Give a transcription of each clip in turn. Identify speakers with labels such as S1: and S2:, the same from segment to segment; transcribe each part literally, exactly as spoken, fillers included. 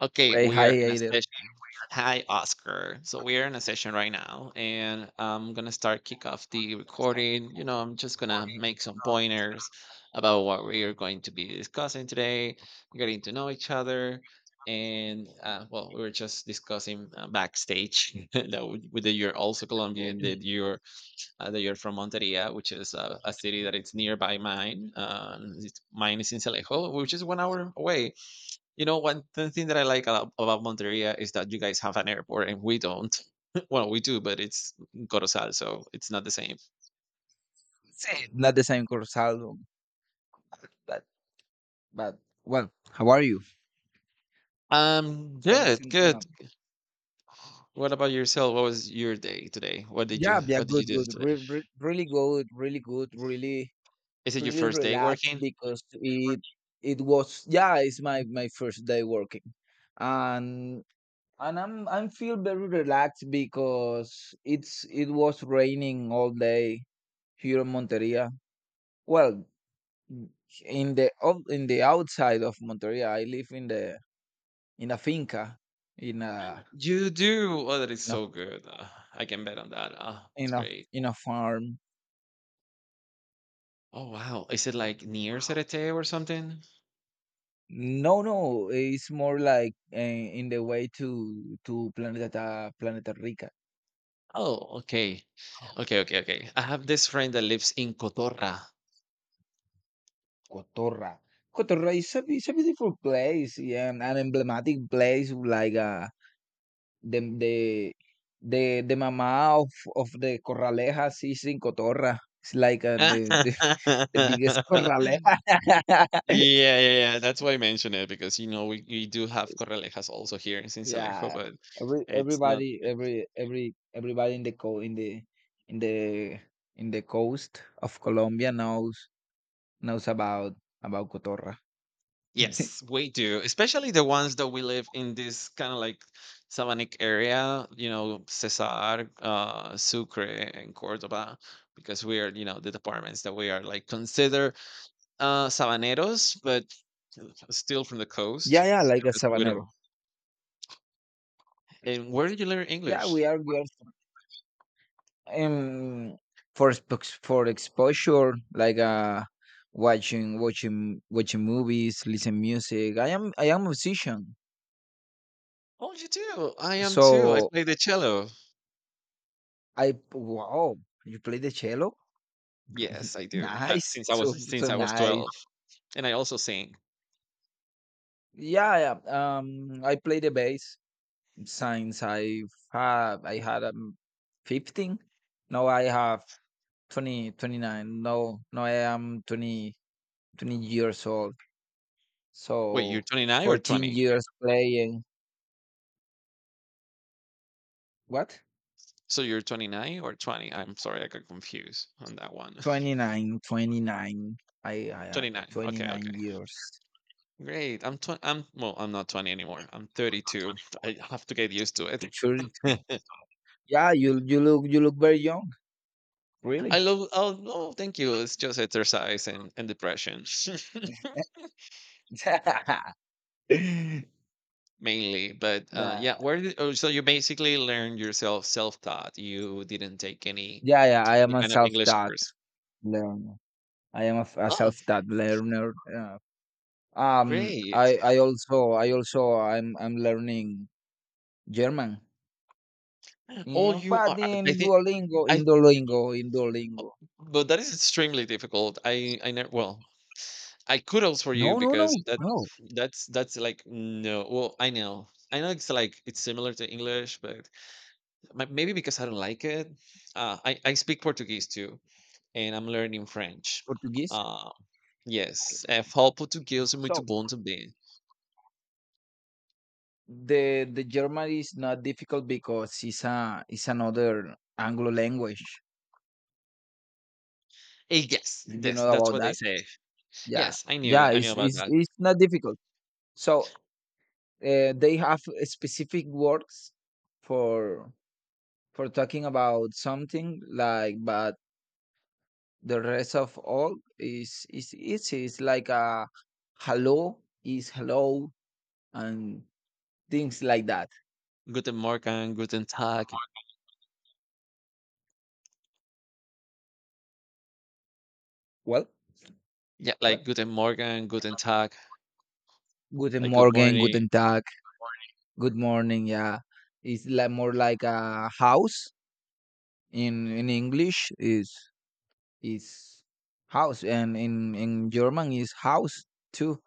S1: Okay,
S2: Okay,
S1: we
S2: hi
S1: are in a
S2: Aider.
S1: session. Hi, Oscar. So we are in a session right now, and I'm gonna start kick off the recording. You know, I'm just gonna make some pointers about what we are going to be discussing today, getting to know each other, and uh, well, we were just discussing uh, backstage that we, that you're also Colombian, that you're uh, that you're from Monteria, which is uh, a city that it's nearby mine. Uh, it's, mine is in Celejo, which is one hour away, you know, one th- thing that I like about, about Monteria is that you guys have an airport and we don't. Well, we do, but it's Corozal, so it's not the same.
S2: Say, not the same course album, but but well, how are you?
S1: Um,
S2: Tell me
S1: good,
S2: something.
S1: good.
S2: Up.
S1: What about yourself? What was your day today? What did you
S2: Yeah, yeah,
S1: What did you
S2: good,
S1: do
S2: good,
S1: today?
S2: re- re- really good, really good, really,
S1: Is it your
S2: really
S1: first day
S2: relaxed
S1: working?
S2: because it it was, yeah, it's my my first day working, and and I'm I'm feel very relaxed because it's it was raining all day here in Monteria. Well, in the out- in the outside of Monteria, I live in the in a finca, in a
S1: You do. Oh, that is
S2: in a
S1: so good. Uh, I can bet on that. Uh, it's
S2: in a
S1: great.
S2: in a farm.
S1: Oh wow, is it like near Cerete or something?
S2: No, no, it's more like uh, in the way to to Planeta Planeta Rica.
S1: Oh, okay, okay, okay, okay. I have this friend that lives in Cotorra.
S2: Cotorra. Cotorra is a, it's a beautiful place, yeah, and an emblematic place like uh, the the the the mama of of the Corralejas is in Cotorra. It's like uh, the, the the biggest Corraleja.
S1: Yeah, yeah, yeah. That's why I mention it because you know we, we do have Corralejas also here in Sincelejo,
S2: Yeah,
S1: but
S2: every
S1: it's not.
S2: everybody,
S1: It's,
S2: every every everybody in the co in the in the in the coast of Colombia knows knows about about Cotorra.
S1: yes, we do. Especially the ones that we live in this kind of like Sabanic area, you know, Cesar, uh, Sucre, and Cordoba, because we are, you know, the departments that we are like consider uh, Sabaneros, but still from the
S2: Yeah,
S1: coast
S2: yeah, like a
S1: because we
S2: sabanero.
S1: don't. And where did you learn
S2: Yeah,
S1: English?
S2: we are we are um for expo- for exposure, like uh watching watching watching movies, listen music. I am I am a musician,
S1: Oh, you do. I am too. I
S2: so
S1: play the cello.
S2: I wow, you play the cello,
S1: Yes, I do, uh,
S2: nice,
S1: since I was
S2: so
S1: since
S2: so
S1: I was
S2: nice.
S1: twelve, and I also sing.
S2: Yeah, yeah. Um, I play the bass since I have I had um, fifteen. Now I have twenty twenty nine. twenty-nine. Now, now I am twenty twenty years old.
S1: Wait, you're
S2: So
S1: twenty-nine or
S2: fourteen
S1: twenty?
S2: years playing. What?
S1: So you're twenty-nine or twenty? I'm sorry, I got confused on that one.
S2: twenty-nine, twenty-nine. I I have
S1: twenty-nine, okay,
S2: twenty-nine
S1: okay.
S2: years.
S1: Great, I'm twenty I'm well, I'm not twenty anymore, I'm thirty-two. I have to get used to
S2: Sure.
S1: it.
S2: Yeah, you you look you look very young.
S1: I
S2: Really?
S1: love Oh, no, thank you, it's just exercise and and depression mainly, but, uh,
S2: Yeah,
S1: yeah, where did oh, so you basically learned yourself self-taught, you didn't take any
S2: yeah, yeah, I
S1: any
S2: am a
S1: kind of English
S2: self-taught
S1: course.
S2: learner. I am a, f- a
S1: Oh,
S2: self-taught learner. Uh, um,
S1: great.
S2: I I also I also I'm I'm learning German.
S1: All
S2: Yeah,
S1: you are
S2: but
S1: I
S2: in
S1: think
S2: Duolingo,
S1: I
S2: in Duolingo, in Duolingo.
S1: But that is extremely difficult. I I never well, I Kudos for you
S2: No, no, no,
S1: because that
S2: no.
S1: that's that's like no. Well, I know. I know it's like it's similar to English, but ma- maybe because I don't like it. Uh, I I speak Portuguese too, and I'm learning French.
S2: Portuguese.
S1: Uh, yes, é falo português é muito
S2: So
S1: bom também.
S2: the the German is not difficult because it's a it's another Anglo language.
S1: Eh, Yes,
S2: Did you
S1: yes,
S2: know
S1: that's
S2: about
S1: what they
S2: that?
S1: say.
S2: Yeah,
S1: Yes, I knew
S2: yeah.
S1: it. I knew
S2: It's
S1: about
S2: it's
S1: that.
S2: it's not difficult. So uh, they have uh, specific words for for talking about something, like. But the rest of all is is easy. It's like, a hello is hello, and things like that.
S1: Guten Morgen, Guten Tag.
S2: Well,
S1: Yeah, like
S2: what
S1: Guten Morgen, Guten Tag,
S2: guten
S1: like good
S2: morgen,
S1: morning.
S2: guten tag, good morning. Yeah, it's like, more like a house. In in English is is house, and in in German is house too.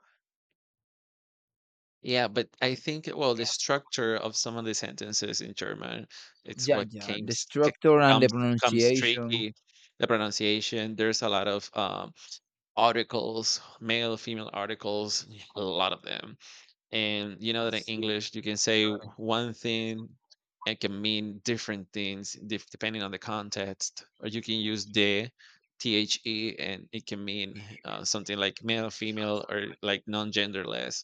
S1: Yeah, but I think well, the structure of some of the sentences in German, it's
S2: Yeah,
S1: what
S2: yeah,
S1: came
S2: the
S1: s- c-
S2: structure and the
S1: comes comes
S2: pronunciation.
S1: tricky. The pronunciation. There's a lot of um, articles, male, female articles, a lot of them, and you know that in English you can say w- one thing and can mean different things dif- depending on the context, or you can use the the, and it can mean uh, something like male, female, or like non-genderless.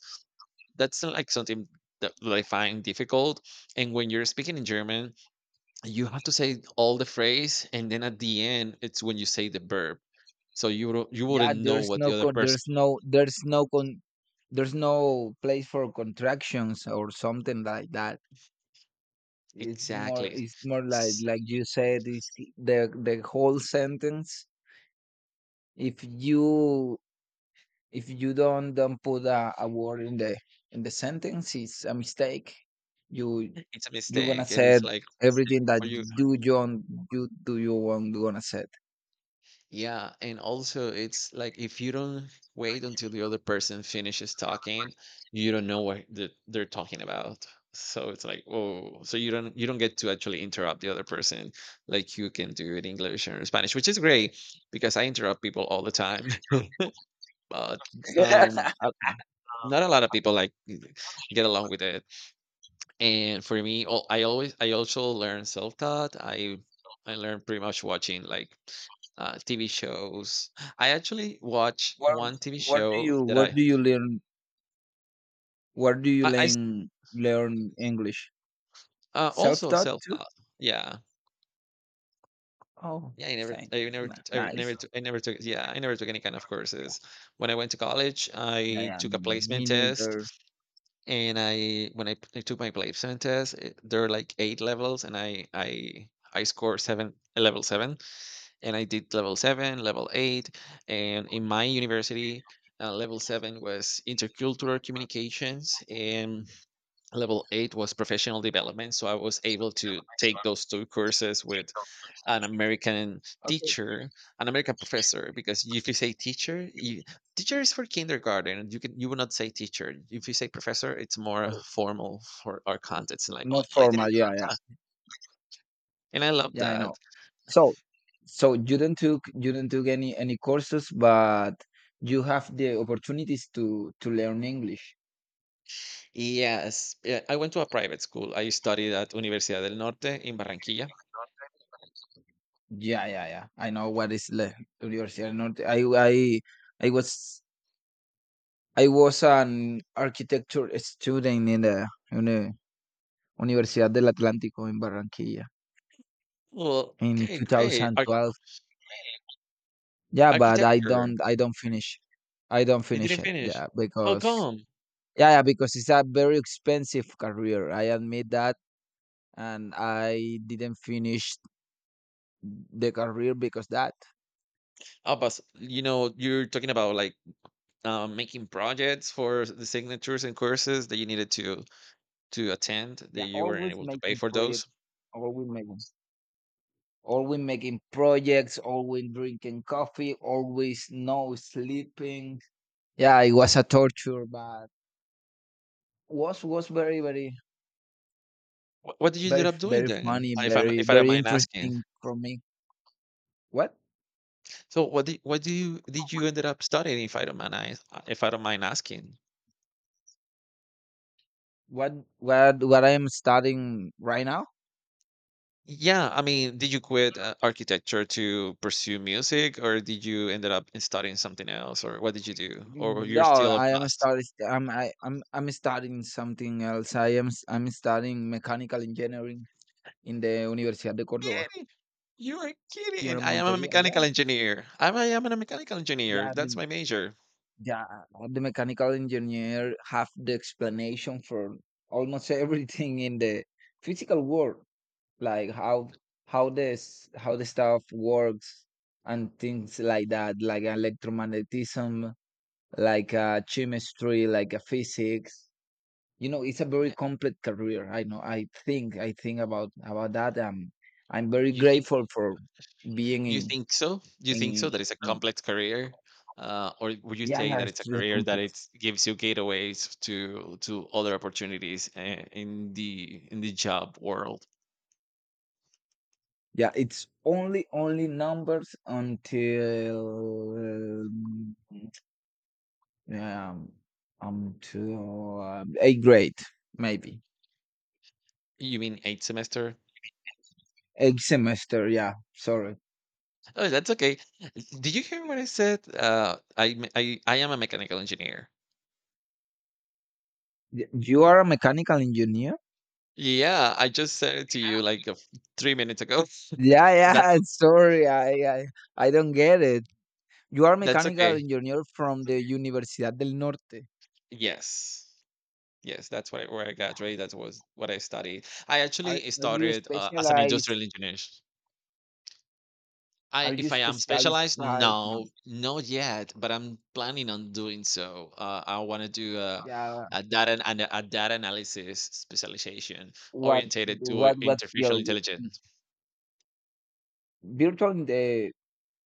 S1: That's not like something that I find difficult. And when you're speaking in German, you have to say all the phrase, and then at the end, it's when you say the verb. So you don't- you
S2: Yeah,
S1: wouldn't know
S2: there's
S1: what the
S2: no
S1: other
S2: co-
S1: person.
S2: there's no there's no con there's no place for contractions or something like that. It's more
S1: Exactly.
S2: it's more like
S1: s-
S2: like you said, it's the the whole sentence. If you if you don't don't put a, a word in the in the sentence, it's a mistake. You
S1: It's a
S2: you're gonna
S1: mistake, and
S2: say
S1: it's like,
S2: everything that
S1: or you.
S2: you don't you do you want gonna say.
S1: Yeah, and also it's like if you don't wait until the other person finishes talking, you don't know what the- they're talking about. So it's like, oh, so you don't you don't get to actually interrupt the other person like you can do in English or Spanish, which is great because I interrupt people all the time, but um, uh, not a lot of people like get along with it. And for me, oh, I always I also learn self-taught. I I learn pretty much watching like uh, T V shows. I actually watch
S2: Where
S1: one T V
S2: where do
S1: show
S2: you
S1: that
S2: where
S1: I
S2: do you learn Where do you
S1: I, I s-
S2: learn learn English?
S1: uh,
S2: Self
S1: also
S2: taught too?
S1: self-taught. Yeah.
S2: Oh,
S1: Yeah, I never,
S2: thank
S1: I never,
S2: n-
S1: I
S2: nice.
S1: never, took- I never took. Yeah, I never took any kind of courses. When I went to college,
S2: Yeah,
S1: I
S2: yeah.
S1: took
S2: Me
S1: a
S2: me
S1: placement test,
S2: neither.
S1: and I when I, p- I took my placement test, it, there are like eight levels, and I I I scored seven, level seven. And I did level seven, level eight, and in my university, uh, level seven was intercultural communications, and level eight was professional development. So I was able to take those two courses with an American
S2: Okay.
S1: teacher, an American professor, because if you say teacher, you, teacher is for kindergarten. You can, you will not say teacher. If you say professor, it's more
S2: Oh,
S1: formal for our context. And like, oh,
S2: more
S1: I
S2: formal.
S1: didn't
S2: Yeah,
S1: know
S2: yeah.
S1: that, and I love
S2: Yeah, I
S1: that.
S2: know. So, so you didn't took you didn't took any any courses, but you have the opportunities to to learn English.
S1: Yes, yeah, I went to a private school. I studied at Universidad del Norte in Barranquilla.
S2: Yeah, yeah, yeah. I know what is le- Universidad del Norte. I I I was I was an architecture student in the in the Universidad del Atlántico in Barranquilla
S1: Well,
S2: in
S1: okay, great. Ar
S2: twenty twelve. Yeah, but I
S1: Architecture.
S2: don't I don't finish. I don't
S1: You
S2: finish
S1: didn't
S2: it.
S1: finish.
S2: Yeah,
S1: How
S2: because,
S1: come?
S2: yeah, yeah, because it's a very expensive career. I admit that, and I didn't finish the career because that.
S1: Oh, but you know, you're talking about like um, making projects for the signatures and courses that you needed to to attend that
S2: Yeah,
S1: you weren't
S2: always
S1: able to pay
S2: making
S1: for those.
S2: projects, always making always making projects, always drinking coffee, always no sleeping. Yeah, it was a torture, but was was very very
S1: What, what did you
S2: very
S1: end up
S2: f-
S1: doing
S2: very
S1: then?
S2: funny,
S1: Uh, If I'm
S2: very
S1: if I don't
S2: very
S1: mind asking.
S2: interesting for me. what
S1: So what did what do you did you ended up studying, if I don't mind as- uh, if I don't mind asking?
S2: what what what I am studying right now.
S1: Yeah, I mean, did you quit uh, architecture to pursue music, or did you ended up in studying something else, or what did you do, or you're
S2: No,
S1: still a
S2: i am
S1: past?
S2: studying i'm I, i'm I'm studying something else. i am s- I'm studying mechanical engineering in the Universidad de Córdoba
S1: Kidding, you are
S2: here
S1: kidding.
S2: in
S1: I am a
S2: Monteria. Yeah,
S1: mechanical engineer. I'm, I am a mechanical engineer.
S2: yeah
S1: That's
S2: the,
S1: my major.
S2: yeah, the mechanical engineer have the explanation for almost everything in the physical world, like how how this how the stuff works, and things like that, like electromagnetism, like uh, chemistry, like uh, physics. You know, it's a very
S1: Yeah,
S2: complex career. I know, i think i think about about that. um I'm very
S1: you think?
S2: grateful for being
S1: You
S2: in
S1: think so? You
S2: in,
S1: think so that it's a
S2: in.
S1: complex career, uh, or would you
S2: Yeah,
S1: say
S2: yeah,
S1: that it's a
S2: it's a
S1: career that it
S2: complex.
S1: gives you gateways to to other opportunities uh, in the in the job world?
S2: Yeah, it's only only numbers until, um, yeah, um, um, to uh, eighth grade. Maybe
S1: You mean eight semester?
S2: eighth semester. Yeah, sorry.
S1: Oh, that's okay. Did you hear what I said? Uh, I, me- I I am a mechanical engineer.
S2: Y- You are a mechanical engineer?
S1: Yeah, I just said it to you like a f- three minutes ago.
S2: Yeah, yeah.
S1: That
S2: Sorry, I, I, I don't get it. You are
S1: that's
S2: mechanical
S1: okay.
S2: engineer from the Universidad del Norte.
S1: Yes, yes, that's what I, where I
S2: Yeah.
S1: graduated. That was what I studied. I
S2: Are
S1: actually
S2: Are you
S1: started uh, as an
S2: specialized?
S1: industrial engineer. I
S2: Are you
S1: if I am
S2: specialized
S1: specialized,
S2: in?
S1: no, not yet, but I'm planning on doing so. Uh, I want to do a
S2: Yeah.
S1: a data and a data analysis specialization
S2: What
S1: orientated to uh,
S2: What What
S1: artificial
S2: field?
S1: intelligence.
S2: Virtual in the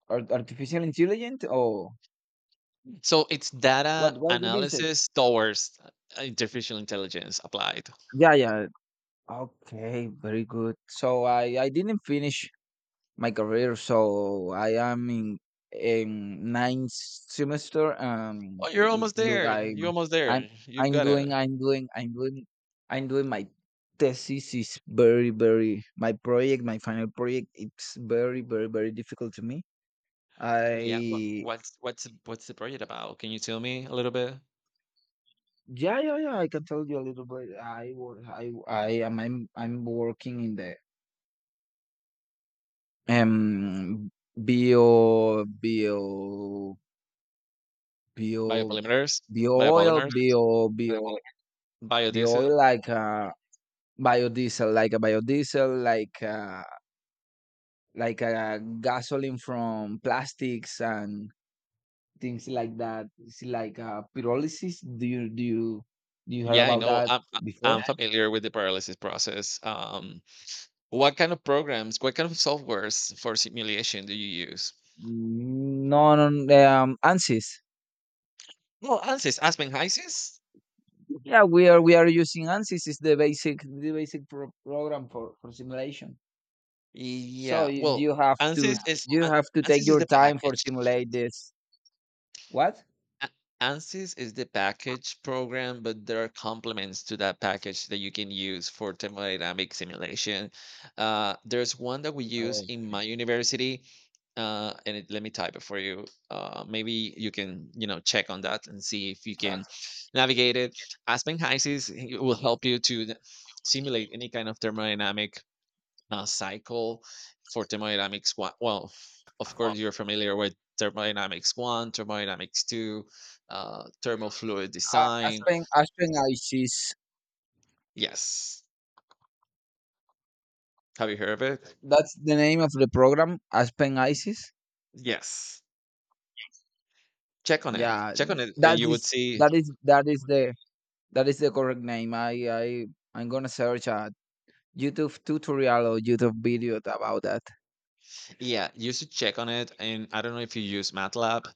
S2: ar- artificial intelligence, or
S1: So it's data
S2: what? What What do you say?
S1: analysis towards uh, artificial intelligence applied.
S2: Yeah, yeah. Okay, very good. So I I didn't finish my career, so I am in in ninth semester. Um,
S1: Oh, you're
S2: l-
S1: almost
S2: look,
S1: there.
S2: I'm
S1: You're almost
S2: I'm
S1: there. You
S2: I'm
S1: gotta.
S2: doing I'm doing I'm doing I'm doing my thesis is very very my project my final project it's very very very difficult to me.
S1: Yeah. What,
S2: I,
S1: what's what's the- what's the project about? Can you tell me a little bit?
S2: yeah, yeah, yeah, I can tell you a little bit. I wo- I I am I'm I'm working in the Em, bio bio bio
S1: Biopolymers,
S2: bio oil,
S1: biopolymers,
S2: bio bio bio oil,
S1: biodiesel.
S2: like, uh, biodiesel, like a biodiesel, like, uh like a gasoline from plastics and things like that. It's like, uh, pyrolysis. Do you do you do you heard
S1: Yeah, I
S2: about
S1: know.
S2: that
S1: I'm I-
S2: before?
S1: I'm familiar with the paralysis process. Um, what kind of programs, what kind of softwares for simulation do you use?
S2: No, no, um, ANSYS.
S1: Well, ANSYS, Aspen HYSYS.
S2: Yeah, we are we are using ANSYS. It's the basic the basic pro program for for simulation. So
S1: Yeah.
S2: you,
S1: Well,
S2: you have to.
S1: ANSYS
S2: Yeah.
S1: is
S2: You
S1: An-
S2: have to take
S1: ANSYS is
S2: your
S1: the
S2: time for
S1: package.
S2: simulate this. What?
S1: A- ANSYS is the package program, but there are complements to that package that you can use for thermodynamic simulation. Uh, there's one that we use
S2: Oh,
S1: in my university, uh, and it, let me type it for you. Uh, maybe you can, you know, check on that and see if you can
S2: that's.
S1: navigate it. Aspen HYSYS, it will help you to th- simulate any kind of thermodynamic uh, cycle for thermodynamics one. Well, of course, you're familiar with thermodynamics one, thermodynamics two, uh, thermal fluid
S2: Uh,
S1: design.
S2: Aspen Aspen ISIS.
S1: Yes. Have you heard of it?
S2: That's the name of the program. Aspen ISIS.
S1: Yes. Check on it.
S2: Yeah,
S1: Check on it, and
S2: that
S1: you would
S2: is
S1: see.
S2: that is that is the that is the correct name. I I I'm gonna search a YouTube tutorial or YouTube video about that.
S1: Yeah, you should check on it. And I don't know if you use MATLAB.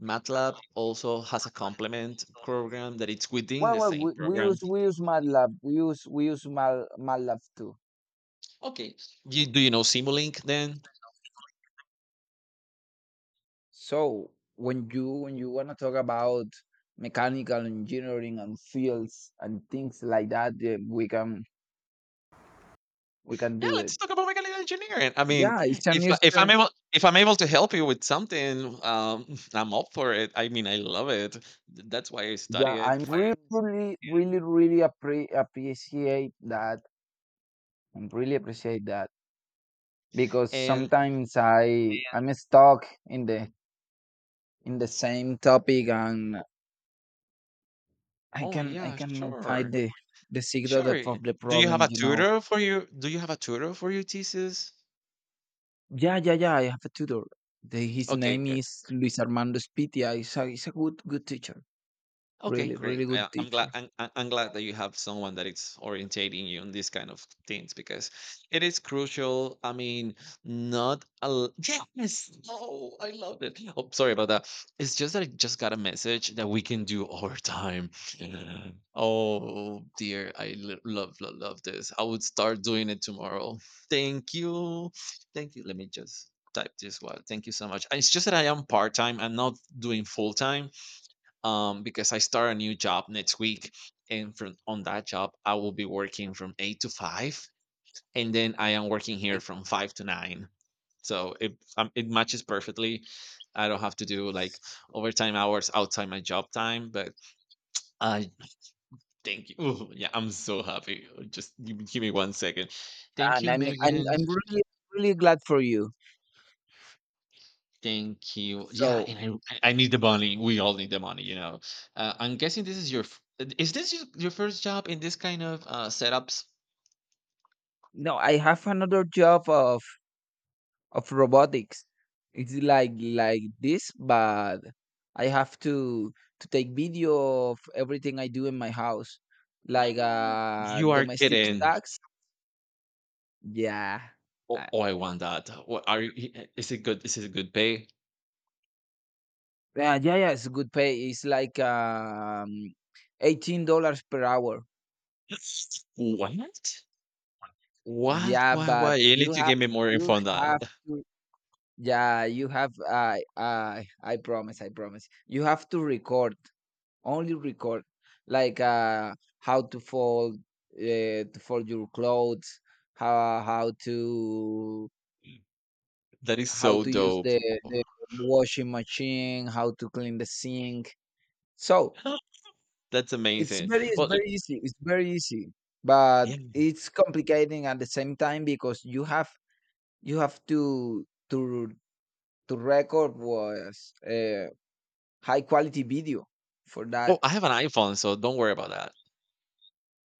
S1: MATLAB also has a complement program that it's within
S2: Well,
S1: the
S2: well,
S1: same
S2: we, we
S1: program.
S2: use we use MATLAB. We use we use Mal, MATLAB too.
S1: Okay. You, do you know Simulink then?
S2: So when you when you want to talk about mechanical engineering and fields and things like that, yeah, we can we can
S1: Yeah,
S2: do
S1: let's
S2: it.
S1: talk about mechanical engineering. I mean,
S2: Yeah, it's
S1: if
S2: an
S1: I- if I'm
S2: interesting.
S1: able, if I'm able to help you with something, um, I'm up for it. I mean, I love it. Th- That's why I study
S2: Yeah,
S1: it.
S2: I'm really really really really appre- appreciate that. I'm really appreciate that, because
S1: And
S2: sometimes I. Yeah. I'm stuck in the in the same topic, and I
S1: oh
S2: can I
S1: yeah,
S2: cannot find
S1: sure,
S2: the the secret of,
S1: sure.
S2: of the
S1: Do you have
S2: problem.
S1: a
S2: You know.
S1: tutor for you? Do you have a tutor for your thesis?
S2: Yeah, yeah, yeah, I have a tutor. The, his
S1: Okay,
S2: name
S1: good.
S2: is Luis Armando Spitia. He's a, he's a good, good teacher.
S1: Okay,
S2: Really,
S1: great.
S2: really good
S1: I, I'm glad.
S2: teacher.
S1: I'm, I'm I'm glad that you have someone that is orientating you on these kind of things because it is crucial. I mean, not a l- yes. Oh, I love it. Oh, sorry about that. It's just that I just got a message that we can do overtime. Oh dear, I lo- love love love this. I would start doing it tomorrow. Thank you, thank you. Let me just type this one. Thank you so much. It's just that I am part time. I'm not doing full time um, because I start a new job next week, and from on that job I will be working from eight to five, and then I am working here
S2: And
S1: from five to nine. So it um, it matches perfectly. I don't have to do like overtime hours outside my job time, but I thank you. Ooh, yeah, I'm so happy. Just give, me- give me one second. Thank
S2: and
S1: you,
S2: I'm, I'm,
S1: Megan.
S2: I'm really, really glad for you.
S1: Thank you. Yeah,
S2: So
S1: and I I I need the money. We all need the money, you know. Uh, I'm guessing this is your f- is this your, your first job in this kind of uh, setups?
S2: no, I have another job of of robotics. It's like like this, but I have to to take video of everything I do in my house, like
S1: No.
S2: uh
S1: You are
S2: domestic
S1: kidding.
S2: tax. Yeah.
S1: Oh,
S2: Uh,
S1: oh, I want that. What are you? Is it good? Is it good pay?
S2: yeah, yeah, yeah. It's good pay. It's like um eighteen dollars per hour.
S1: What? What?
S2: Yeah,
S1: Why? Why?
S2: but
S1: You need
S2: you
S1: to
S2: have
S1: give me more
S2: you
S1: info on that.
S2: have to. Yeah, you have. I I I promise. I promise. You have to record, only record, like uh, how to fold, uh, to fold your clothes, how how to
S1: That is
S2: how
S1: so
S2: to use
S1: dope.
S2: the the washing machine, how to clean the sink. So
S1: That's
S2: it's
S1: amazing.
S2: very it's
S1: Well, uh,
S2: very easy. It's very easy, but
S1: yeah.
S2: it's complicating at the same time, because you have you have to to to record was uh, high quality video for
S1: Well,
S2: that.
S1: I have an iPhone, so don't worry about that.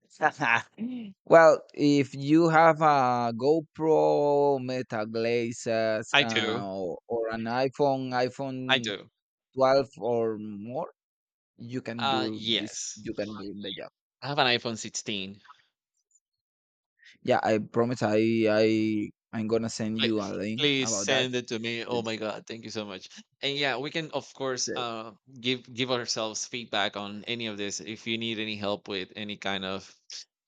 S2: Well, if you have a GoPro, Meta Glazes,
S1: I
S2: uh,
S1: do.
S2: or, or an iPhone,
S1: I
S2: iPhone
S1: do.
S2: twelve or more, you can
S1: Uh,
S2: do this. You can
S1: yes.
S2: do the job.
S1: I have an iPhone sixteen.
S2: Yeah, I promise. I I I'm gonna send
S1: Pl-
S2: you a link
S1: Please
S2: about that.
S1: send it to me. Oh my
S2: It's.
S1: god, thank you so much. And yeah, we can of course
S2: uh,
S1: uh give give ourselves feedback on any of this if you need any help with any kind of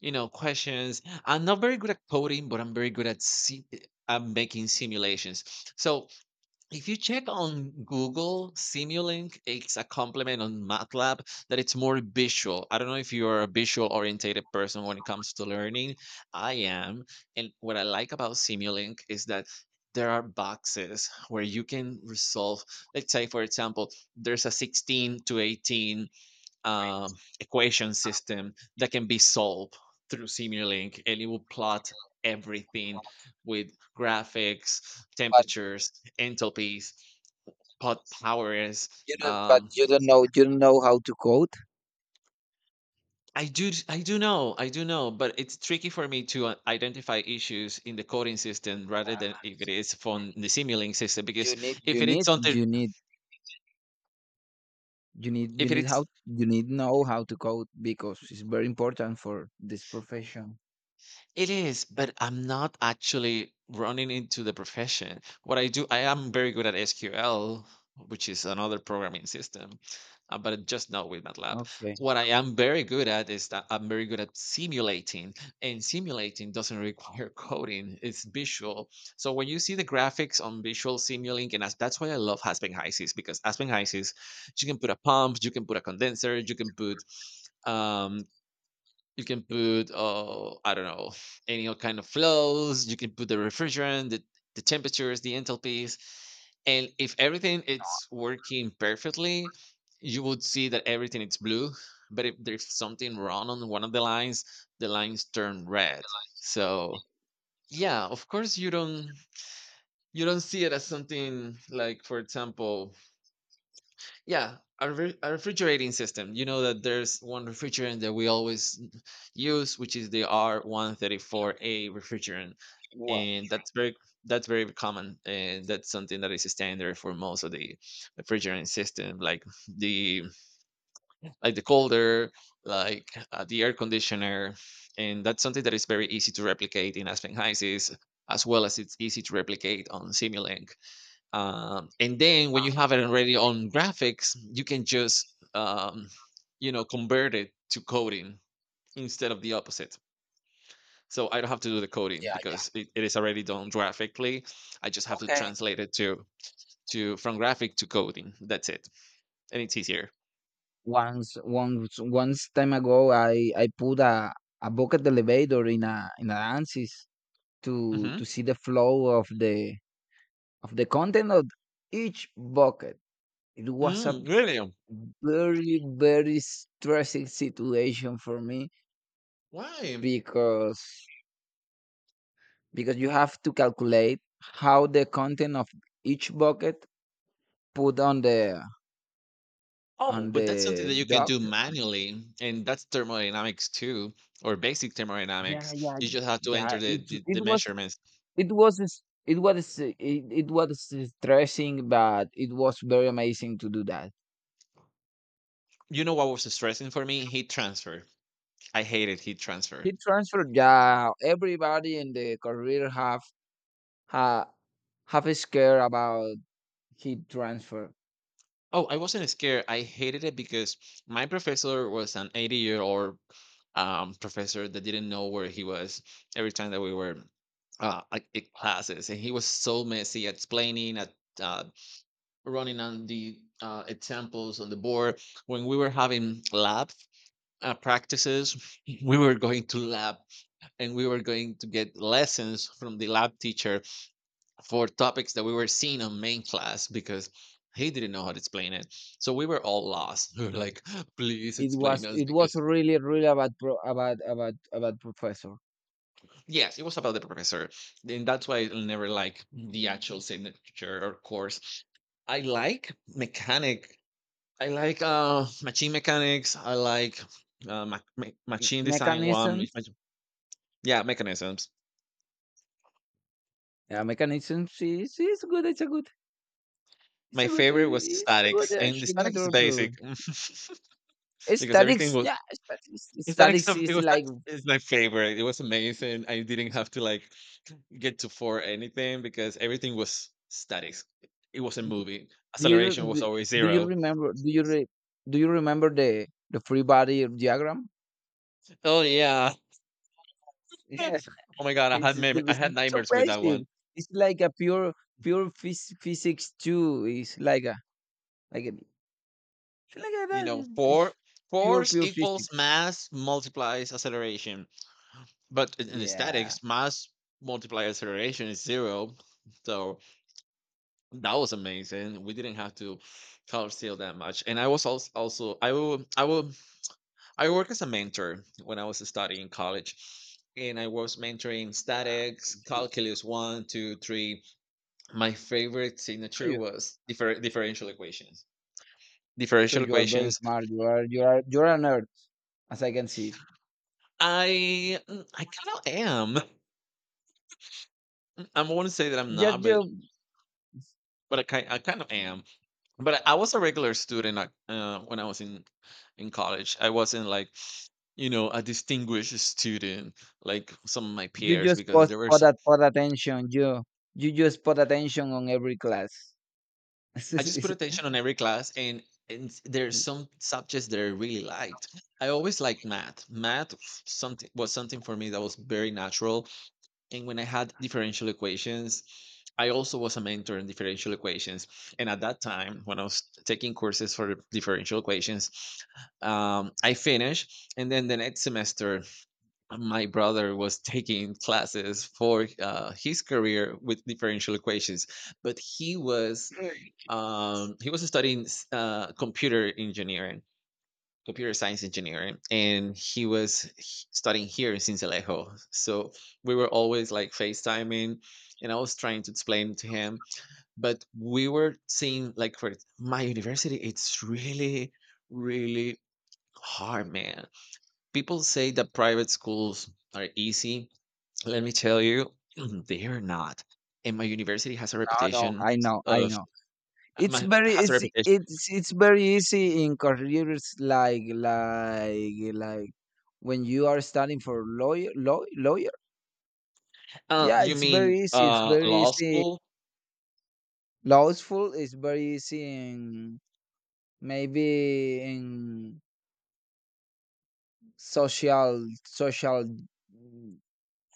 S1: you know questions. I'm not very good at coding, but I'm very good at si- uh, making simulations. So if you check on Google, Simulink, it's a complement on MATLAB that it's more visual. I don't know if you're a visual orientated person when it comes to learning. I am. And what I like about Simulink is that there are boxes where you can resolve, let's say, for example, there's a sixteen to eighteen um, equation system that can be solved through Simulink, and it will plot everything with graphics,
S2: but
S1: temperatures, entalpies, pot powers.
S2: you don't. But
S1: Um,
S2: you don't know. You don't know how to code.
S1: I do, I do know, I do know, but it's tricky for me to uh, identify issues in the coding system rather than if it is from the Simulink system because
S2: You need.
S1: if
S2: You
S1: it is
S2: need.
S1: something,
S2: You need you need
S1: if
S2: you
S1: it
S2: need
S1: is
S2: how You need know how to code, because it's very important for this profession.
S1: it is, but I'm not actually running into the profession. What I do, I am very good at S Q L, which is another programming system, uh, but just not with MATLAB.
S2: Okay.
S1: What I am very good at is that I'm very good at simulating, and simulating doesn't require coding, it's visual. So when you see the graphics on visual simulating, and as- that's why I love Aspen Hysys because Aspen Hysys, you can put a pump, you can put a condenser, you can put um you can put, uh, I don't know, any o- kind of flows. You can put the refrigerant, the, the temperatures, the entalpies. And if everything it's working perfectly, you would see that everything is blue. But if there's something wrong on one of the lines, the lines turn red. So yeah, of course you don't you don't see it as something like, for example, yeah, a, re- a refrigerating system. You know that there's one refrigerant that we always use, which is the R one thirty-four A refrigerant,
S2: Well,
S1: and that's very that's very common, and that's something that is standard for most of the refrigerant system, like the like the colder, like uh, the air conditioner, and that's something that is very easy to replicate in Aspen Heises, as well as it's easy to replicate on Simulink. Um, and then when you have it already on graphics, you can just um, you know convert it to coding instead of the opposite. So I don't have to do the coding
S2: yeah, yeah.
S1: because it, it is already done graphically. I just have to
S2: Okay.
S1: translate it to to from graphic to coding. That's it, and it's easier.
S2: Once once once time ago, I I put a a bucket elevator in a in a ANSYS to to
S1: Hmm.
S2: see the flow of the of the content of each bucket. It was a
S1: Mm, really?
S2: very very stressing situation for me,
S1: Why?
S2: because because you have to calculate how the content of each bucket put on the
S1: Oh,
S2: on
S1: but that's something
S2: the
S1: that you can do
S2: duct.
S1: manually, and that's thermodynamics too, or basic
S2: Yeah,
S1: thermodynamics.
S2: yeah,
S1: You just have to
S2: yeah,
S1: enter the
S2: it
S1: the,
S2: it
S1: the
S2: was
S1: measurements.
S2: it was s- it was it, it was stressing, but it was very amazing to do that.
S1: You know what was stressing for me? Heat transfer. I hated heat transfer.
S2: He transferred. Yeah, everybody in the career have ha, have a scare about heat transfer.
S1: Oh, I wasn't scared. I hated it because my professor was an eighty year old um, professor that didn't know where he was every time that we were uh, like in classes. And he was so messy at explaining, at uh, running on the uh, examples on the board. When we were having lab uh, practices, we were going to lab and we were going to get lessons from the lab teacher for topics that we were seeing on main class because he didn't know how to explain it. So we were all lost. We were
S2: Mm.
S1: like, please
S2: It
S1: explain
S2: was
S1: us
S2: it was
S1: because
S2: really really about pro, about about about professor.
S1: yes, it was about the professor. And that's why I never
S2: Yeah.
S1: like the actual signature or course. I like mechanic. I like uh machine mechanics. I like uh, ma- ma-
S2: M-
S1: machine design one. mach-
S2: mechanisms.
S1: mach- Yeah, mechanisms.
S2: Yeah, mechanism is is good, it's a good it's
S1: My
S2: a good uh,
S1: favorite was
S2: it's a good
S1: statics,
S2: uh,
S1: and the
S2: Mechanism na
S1: statics is
S2: todo.
S1: basic because everything
S2: Statics,
S1: was
S2: yeah, statics.
S1: Hispanic
S2: Statics
S1: stuff it
S2: is
S1: was that
S2: like.
S1: is my favorite. It was amazing. I didn't have to like get to for anything because everything was statics. It was not moving.
S2: Do you
S1: Acceleration was
S2: do
S1: always
S2: do you
S1: zero.
S2: remember? Do you re, do you remember the the free body diagram?
S1: Oh yeah.
S2: Yes,
S1: Oh my god, I
S2: it's,
S1: had mem-
S2: the-
S1: I
S2: it's
S1: had
S2: so
S1: nightmares with that
S2: basic.
S1: one.
S2: It's like a pure pure phys, physics too. It's like a like a like a,
S1: You know,
S2: that.
S1: four
S2: It's pure
S1: force
S2: pure
S1: equals
S2: physics.
S1: mass multiplies acceleration. But in, in the
S2: Yeah,
S1: statics, mass multiply acceleration is zero. So that was amazing. We didn't have to color seal that much. And I was also, also I will I will I work as a mentor when I was studying college, and I was mentoring
S2: yeah.
S1: statics,
S2: Sure.
S1: calculus one, two, three. My favorite signature was differ- differential equations.
S2: So
S1: Differential
S2: you are very
S1: equations.
S2: smart. You are you are you're a nerd, as I can see.
S1: I mm, I kind of am. I want to say that I'm
S2: Just
S1: not,
S2: you
S1: but but I kind I kind of am. But I I was a regular student like, uh, when I was in in college. I wasn't like you know a distinguished student like some of my
S2: You
S1: peers
S2: just
S1: because
S2: put
S1: there were
S2: put that put attention. You you just put attention on every class. no,
S1: I just put attention on every class, and and s- there are some subjects that I really liked. I always liked math. Math f- something was something for me that was very natural. And when I had differential equations, I also was a mentor in differential equations. And at that time, when I was taking courses for differential equations, um, I finished, and then the next semester my brother was taking classes for uh, his career with differential equations, but he was um, he was studying s- uh, computer engineering, computer science engineering, and he was h- studying here in Sincelejo. So we were always like FaceTiming, and I was trying to explain to him, but we were seeing like for my university, it's really, really hard, man. People say that private schools are easy, let me tell you, they are not. And my university has a
S2: no,
S1: reputation
S2: I know, I
S1: of
S2: know.
S1: uh,
S2: It's
S1: my
S2: very
S1: has a
S2: it's
S1: reputation.
S2: it's it's very easy in careers like like like when you are studying for lawyer law, lawyer.
S1: Uh,
S2: Yeah,
S1: you
S2: it's
S1: mean
S2: very easy. It's
S1: uh,
S2: very
S1: law
S2: easy.
S1: school?
S2: Law school is very easy in, maybe in social social mm,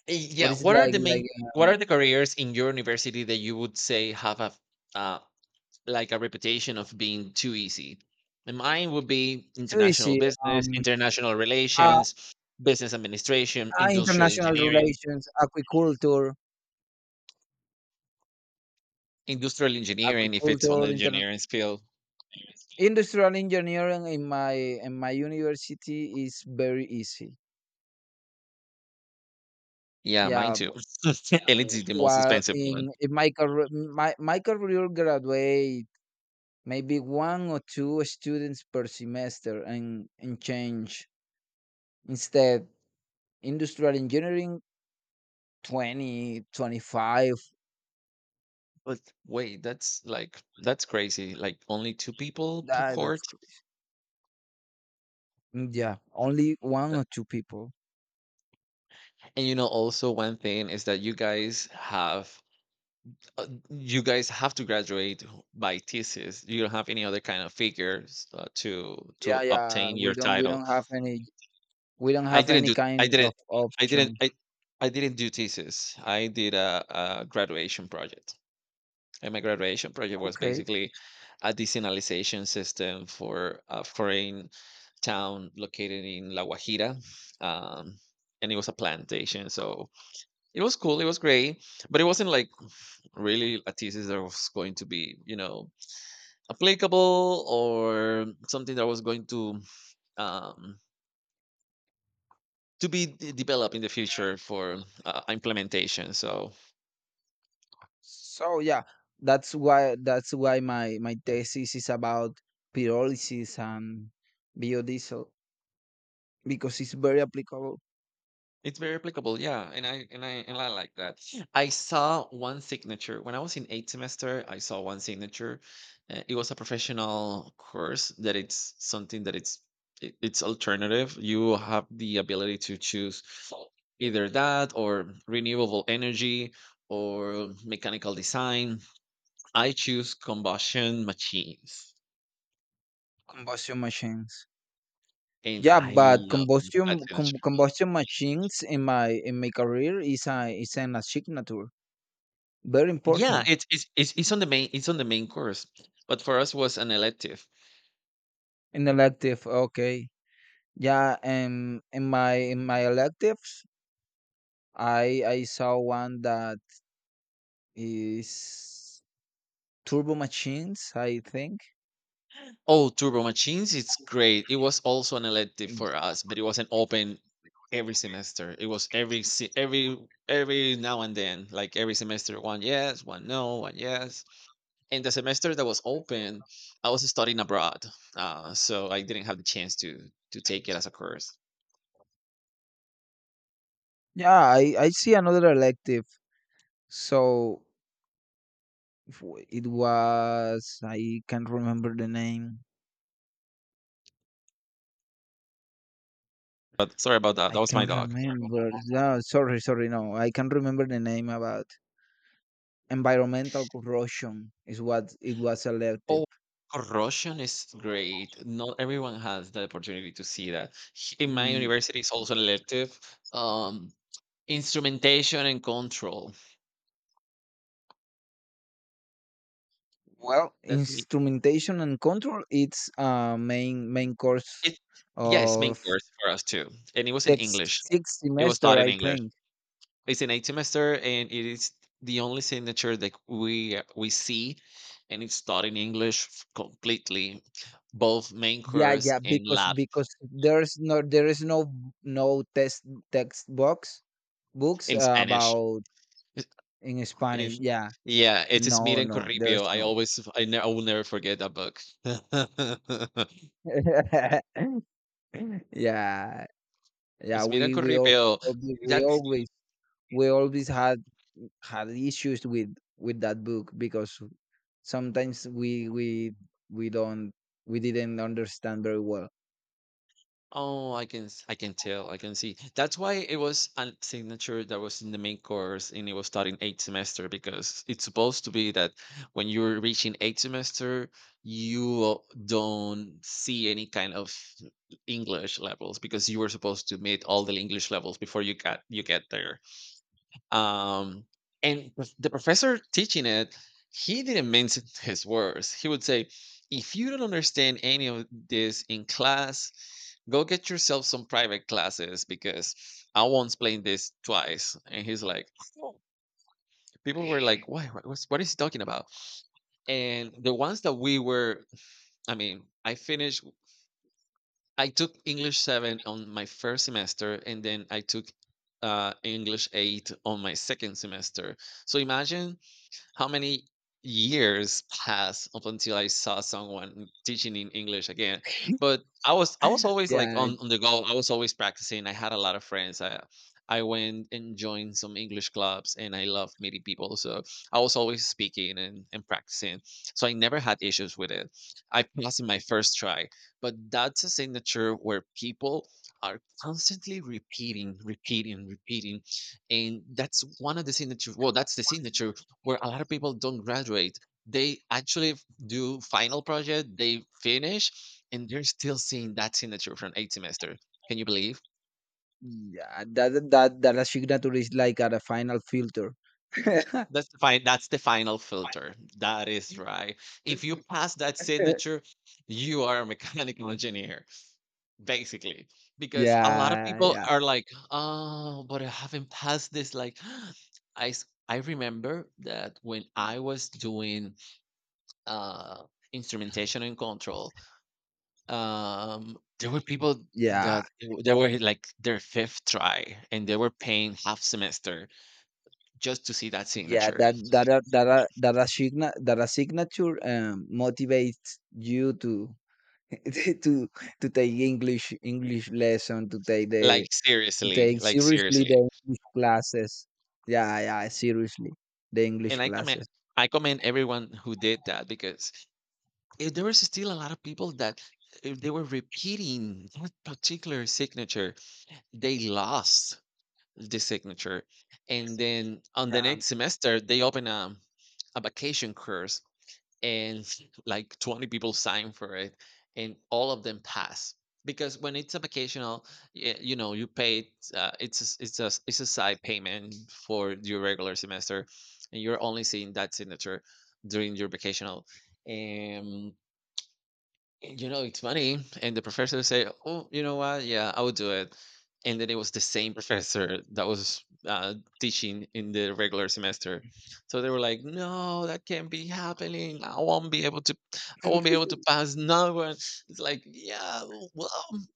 S1: Y-
S2: what
S1: Yeah.
S2: is it
S1: What are
S2: like
S1: the main?
S2: like
S1: What
S2: um,
S1: are the careers in your university that you would say have a uh, like a reputation of being too easy? And mine would be international
S2: tourism,
S1: business,
S2: um
S1: international
S2: uh,
S1: relations, business administration,
S2: uh,
S1: industrial
S2: international
S1: engineering,
S2: relations, agriculture,
S1: industrial engineering if it's on the
S2: agriculture inter-
S1: engineering field.
S2: industrial engineering in my in my university is very easy,
S1: Yeah, mine
S2: yeah
S1: too.
S2: b-
S1: And it's the most
S2: While
S1: expensive one.
S2: in, in my career, my, my career graduate maybe one or two students per semester and and change. Instead, industrial engineering, twenty, twenty-five.
S1: But wait, that's like that's crazy. Like only two people per
S2: That that's
S1: court.
S2: crazy. Mm, yeah, only one
S1: Tha-
S2: or two people.
S1: And you know, also one thing is that you guys have uh, you guys have to graduate by thesis. You don't have any other kind of figures uh, to
S2: Yeah,
S1: to
S2: yeah.
S1: obtain your
S2: We don't we
S1: title.
S2: don't have any we don't
S1: I
S2: have
S1: didn't
S2: any
S1: do.
S2: kind
S1: I didn't.
S2: of
S1: I didn't.
S2: option.
S1: I I didn't do thesis. I did a, a graduation project. And my graduation project was
S2: Okay.
S1: basically a desalinization system for a foreign town located in La Guajira. Um, and it was a plantation. So it was cool. It was great. But it wasn't like really a thesis that was going to be, you know, applicable or something that was going to um, to be d- developed in the future for uh, implementation. So
S2: So yeah, that's why that's why my my thesis is about pyrolysis and biodiesel, because it's very applicable.
S1: it's very applicable, yeah, and I and I and I like that. I saw one signature when I was in eighth semester. I saw one signature. Uh, it was a professional course that it's something that it's it, it's alternative. You have the ability to choose either that or renewable energy or mechanical design. I choose combustion machines,
S2: Combustion machines.
S1: and
S2: Yeah,
S1: I
S2: but
S1: love that
S2: combustion com-
S1: signature.
S2: combustion machines in my in my career is a is an signature. Very
S1: Yeah,
S2: important.
S1: it's it's it's, it's on the main it's on the main course, but for us was an elective.
S2: An elective. Okay. Yeah, and in my in my electives, I I saw one that is turbo machines, I think.
S1: Oh, Turbo Machines, it's great. It was also an elective
S2: Mm.
S1: for us, but it wasn't open every semester. It was every se- every every now and then, like every semester, one yes, one no, one yes. And the semester that was open, I was studying abroad, uh, so I didn't have the chance to to take it as a course.
S2: Yeah, I I see another elective. So f- it was... I can't remember the name.
S1: But sorry about that. That
S2: I
S1: was my
S2: can't
S1: dog.
S2: remember. No, sorry, sorry, no. I can't remember the name about... environmental corrosion is what it was.
S1: Oh,
S2: Elective.
S1: corrosion is great. Not everyone has the opportunity to see that. H- In my
S2: Mm,
S1: university, it's also an elective. Um, Instrumentation and control.
S2: Well,
S1: That's me.
S2: instrumentation and control, it's uh main main course
S1: It, yeah, it's main
S2: of
S1: course for us too, and it was in
S2: six
S1: English.
S2: six
S1: It was
S2: semester,
S1: taught in
S2: I
S1: English.
S2: think.
S1: It's an eight semester, and it is the only signature that we we see, and it's taught in English f- completely, both main
S2: Yeah,
S1: course
S2: yeah,
S1: and
S2: because
S1: lab
S2: because there's no there is no b- no test textbooks, books
S1: in
S2: uh,
S1: Spanish.
S2: about... in Spanish.
S1: And
S2: Yeah.
S1: yeah, it is
S2: No,
S1: Miran
S2: no, there's
S1: Corripio. I
S2: no.
S1: always, I, ne- I will never forget that book.
S2: Yeah. Yeah,
S1: It's Miran
S2: we we all
S1: Corripio.
S2: we
S1: That's
S2: always we always had had issues with with that book, because sometimes we we we don't we didn't understand very well.
S1: oh, I can, s- I can tell, I can see. That's why it was a signature that was in the main course, and it was starting eighth semester because it's supposed to be that when you're reaching eighth semester, you don't see any kind of English levels because you were supposed to meet all the English levels before you got you get there. Um, and prof- the professor teaching it, he didn't mince his words. He would say, if you don't understand any of this in class, go get yourself some private classes because I won't explain this twice. And he's like, "Oh." People were like, why? What, what's, what is he talking about? And the ones that we were, I mean, I finished, I took English seven on my first semester, and then I took uh, English eight on my second semester. So imagine how many years passed up until I saw someone teaching in English again. But I was I was always like
S2: Yeah,
S1: on, on the go. I was always practicing. I had a lot of friends. I I went and joined some English clubs and I loved meeting people. So I was always speaking and, and practicing. So I never had issues with it. I passed in my first try. But that's a signature where people are constantly repeating, repeating, repeating. And that's one of the signatures. Well, that's the signature where a lot of people don't graduate. They actually f- do final project, they finish, and they're still seeing that signature from eight semester. Can you believe?
S2: yeah, that that that la signature is like at a final filter.
S1: That's the fine. That's the final filter. That is right. If you pass that signature, you are a mechanical engineer, basically. Because a lot of
S2: Yeah,
S1: people
S2: yeah,
S1: are like, "Oh, but I haven't passed this." Like, I s- I remember that when I was doing uh, instrumentation and control. Um, there were people
S2: yeah.
S1: that it they were eh, like their fifth try, and they were paying half semester just to see that
S2: Yeah,
S1: signature.
S2: that that a- that a- that a signa that a signature um motivates you to to to take english english lesson to take the
S1: Like
S2: to
S1: seriously,
S2: take
S1: like
S2: seriously
S1: seriously.
S2: the English classes. Yeah, yeah, seriously, the English
S1: And I commend,
S2: classes.
S1: I commend everyone who did that because if there was still a lot of people that if they were repeating that particular signature, they lost the signature, and then on the
S2: Yeah.
S1: next semester they open a a vacation course and like twenty people sign for it and all of them pass because when it's a vacational, y- you know you pay, uh, it's a s- it's a s- it's a side payment for your regular semester and you're only seeing that signature during your vacational. You know, it's funny. And the professor would say, oh, you know what? Yeah, I will do it. And then it was the same professor that was uh, teaching in the regular semester. So they were like, no, that can't be happening. I won't be able to, I won't be able to pass. No one. It's like, yeah, well,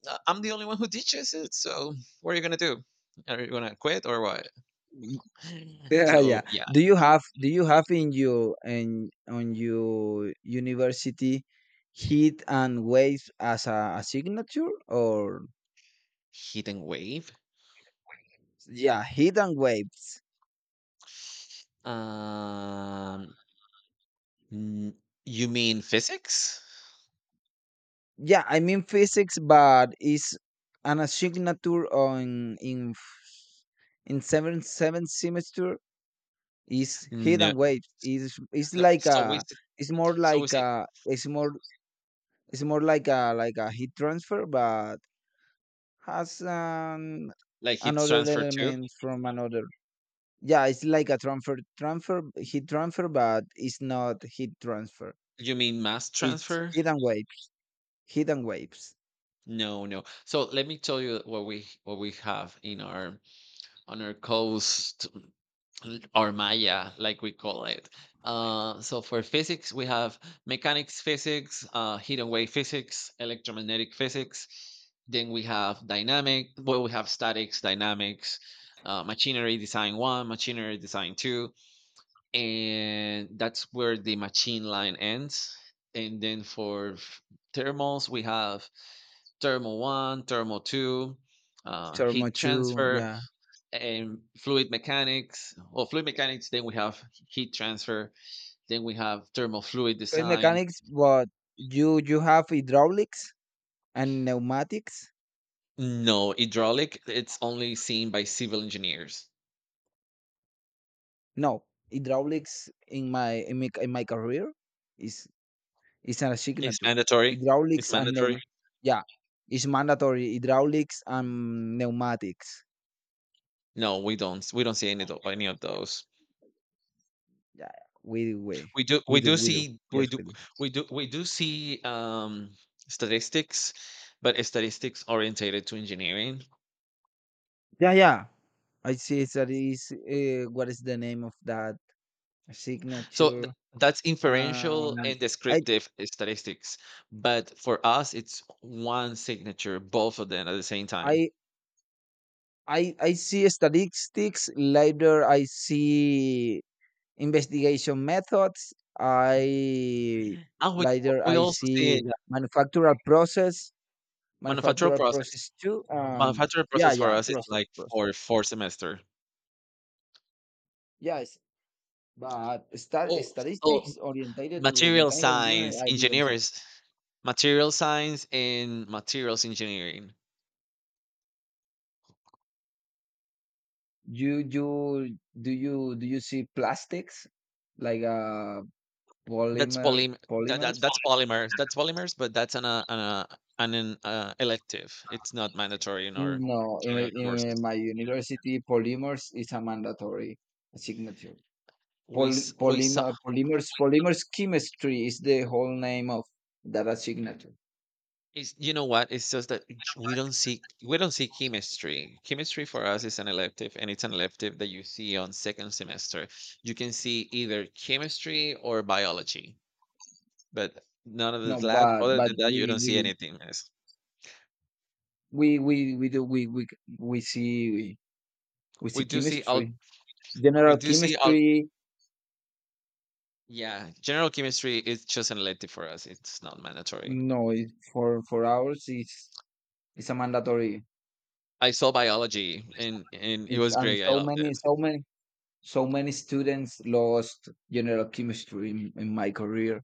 S1: uh, I'm the only one who teaches it. So what are you going to do? Are you going to quit or what?
S2: Yeah,
S1: So
S2: yeah.
S1: yeah,
S2: Do you have do you have in your in on your university heat and waves as a, a signature, or...
S1: heat and wave.
S2: yeah, heat and waves.
S1: Um, n- you mean physics?
S2: Yeah, I mean physics, but is an signature on in f- in seventh seventh semester is heat and
S1: No.
S2: waves. Is it's
S1: No,
S2: like
S1: so we
S2: a
S1: it
S2: it's more
S1: so we
S2: like
S1: see,
S2: a it's more it's more like a like a heat transfer, but has um,
S1: like, it's
S2: another
S1: transfer too?
S2: element from another. Yeah, it's like a transfer, transfer, heat transfer, but it's not heat transfer.
S1: You mean mass
S2: It's
S1: transfer?
S2: heat and waves, heat and waves.
S1: No, no. So let me tell you what we what we have in our on our coast, l- or Maya, like we call it. Uh, so for physics, we have mechanics physics, uh, heat and wave physics, electromagnetic physics. Then we have dynamic. Well, we have statics, dynamics, uh, machinery design one, machinery design two, and that's where the machine line ends. And then for f- thermals, we have thermal one, thermal two, uh,
S2: Thermo
S1: heat
S2: two,
S1: transfer,
S2: yeah.
S1: and fluid mechanics. Or fluid mechanics. Then we have heat transfer. Then we have thermal fluid
S2: Fluid
S1: design.
S2: mechanics, but you you have hydraulics and pneumatics.
S1: No, hydraulic. It's only seen by civil engineers.
S2: No, hydraulics in my in my, in my career is is a
S1: It's
S2: signature.
S1: mandatory. It's
S2: Hydraulics and pneum,
S1: mandatory.
S2: yeah, it's mandatory. Hydraulics and pneumatics.
S1: No, we don't. We don't see any of tho- any of those.
S2: Yeah, we do, we
S1: We do
S2: we
S1: we
S2: do,
S1: do
S2: we do.
S1: see
S2: Yes,
S1: we do
S2: we do.
S1: we do we do see um statistics, but it's statistics orientated to engineering.
S2: Yeah, yeah. I see it's that is uh, what is the name of that
S1: So
S2: signature?
S1: th- that's
S2: Um,
S1: inferential and
S2: I
S1: descriptive statistics. But for us, it's one signature, both of them at the same time.
S2: I I I see statistics later. I see investigation methods. I
S1: And we
S2: later
S1: we
S2: I
S1: also see
S2: see
S1: that
S2: manufacturer process,
S1: manufacturing
S2: manufacturer
S1: process.
S2: process too. Um,
S1: Manufacturing
S2: yeah,
S1: process for
S2: yeah,
S1: us is
S2: process,
S1: like
S2: process.
S1: for four semester.
S2: Yeah, but stat
S1: Oh, so
S2: statistics orientated to
S1: material
S2: mechanical engineering,
S1: science
S2: I didn't see.
S1: engineers, material science and materials engineering.
S2: You you do you do you see plastics, like uh
S1: That's
S2: polymer
S1: polymer. That,
S2: polymers?
S1: that that's polymers. That's polymers, but that's an uh, an uh, an an, uh, elective. It's not mandatory in our
S2: No, in,
S1: in our courses.
S2: in my university, polymers is a mandatory signature.
S1: We
S2: Poly,
S1: s- we saw.
S2: polymer, polymers, polymers chemistry is the whole name of that signature.
S1: It's, you know what? It's just that j- we don't see, we don't see chemistry. Chemistry for us is an elective, and it's an elective that you see on second semester. You can see either chemistry or biology, but none of
S2: No,
S1: the lab.
S2: but
S1: Other
S2: but
S1: than that, you
S2: we
S1: don't see
S2: we
S1: anything else.
S2: we we we do we we we see we, we
S1: We
S2: see
S1: do see al-
S2: chemistry,
S1: we
S2: general
S1: do see al-
S2: chemistry.
S1: Yeah, general chemistry is just an elective for us. It's not mandatory.
S2: No, it, for for ours it's it's a mandatory.
S1: I saw biology and and it
S2: It's
S1: was
S2: and
S1: great. I
S2: so
S1: loved
S2: many,
S1: it.
S2: so many so many students lost general chemistry in, in my career.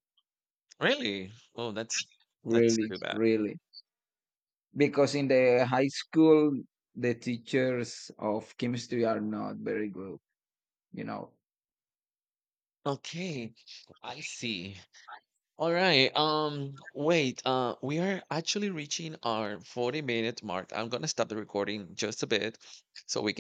S1: Really? Oh, that's that's
S2: Really,
S1: too bad.
S2: really, because in the high school the teachers of chemistry are not very good. You know,
S1: Okay, I see. All right. Um, wait. Uh, we are actually reaching our forty minute mark. I'm gonna stop the recording just a bit so we can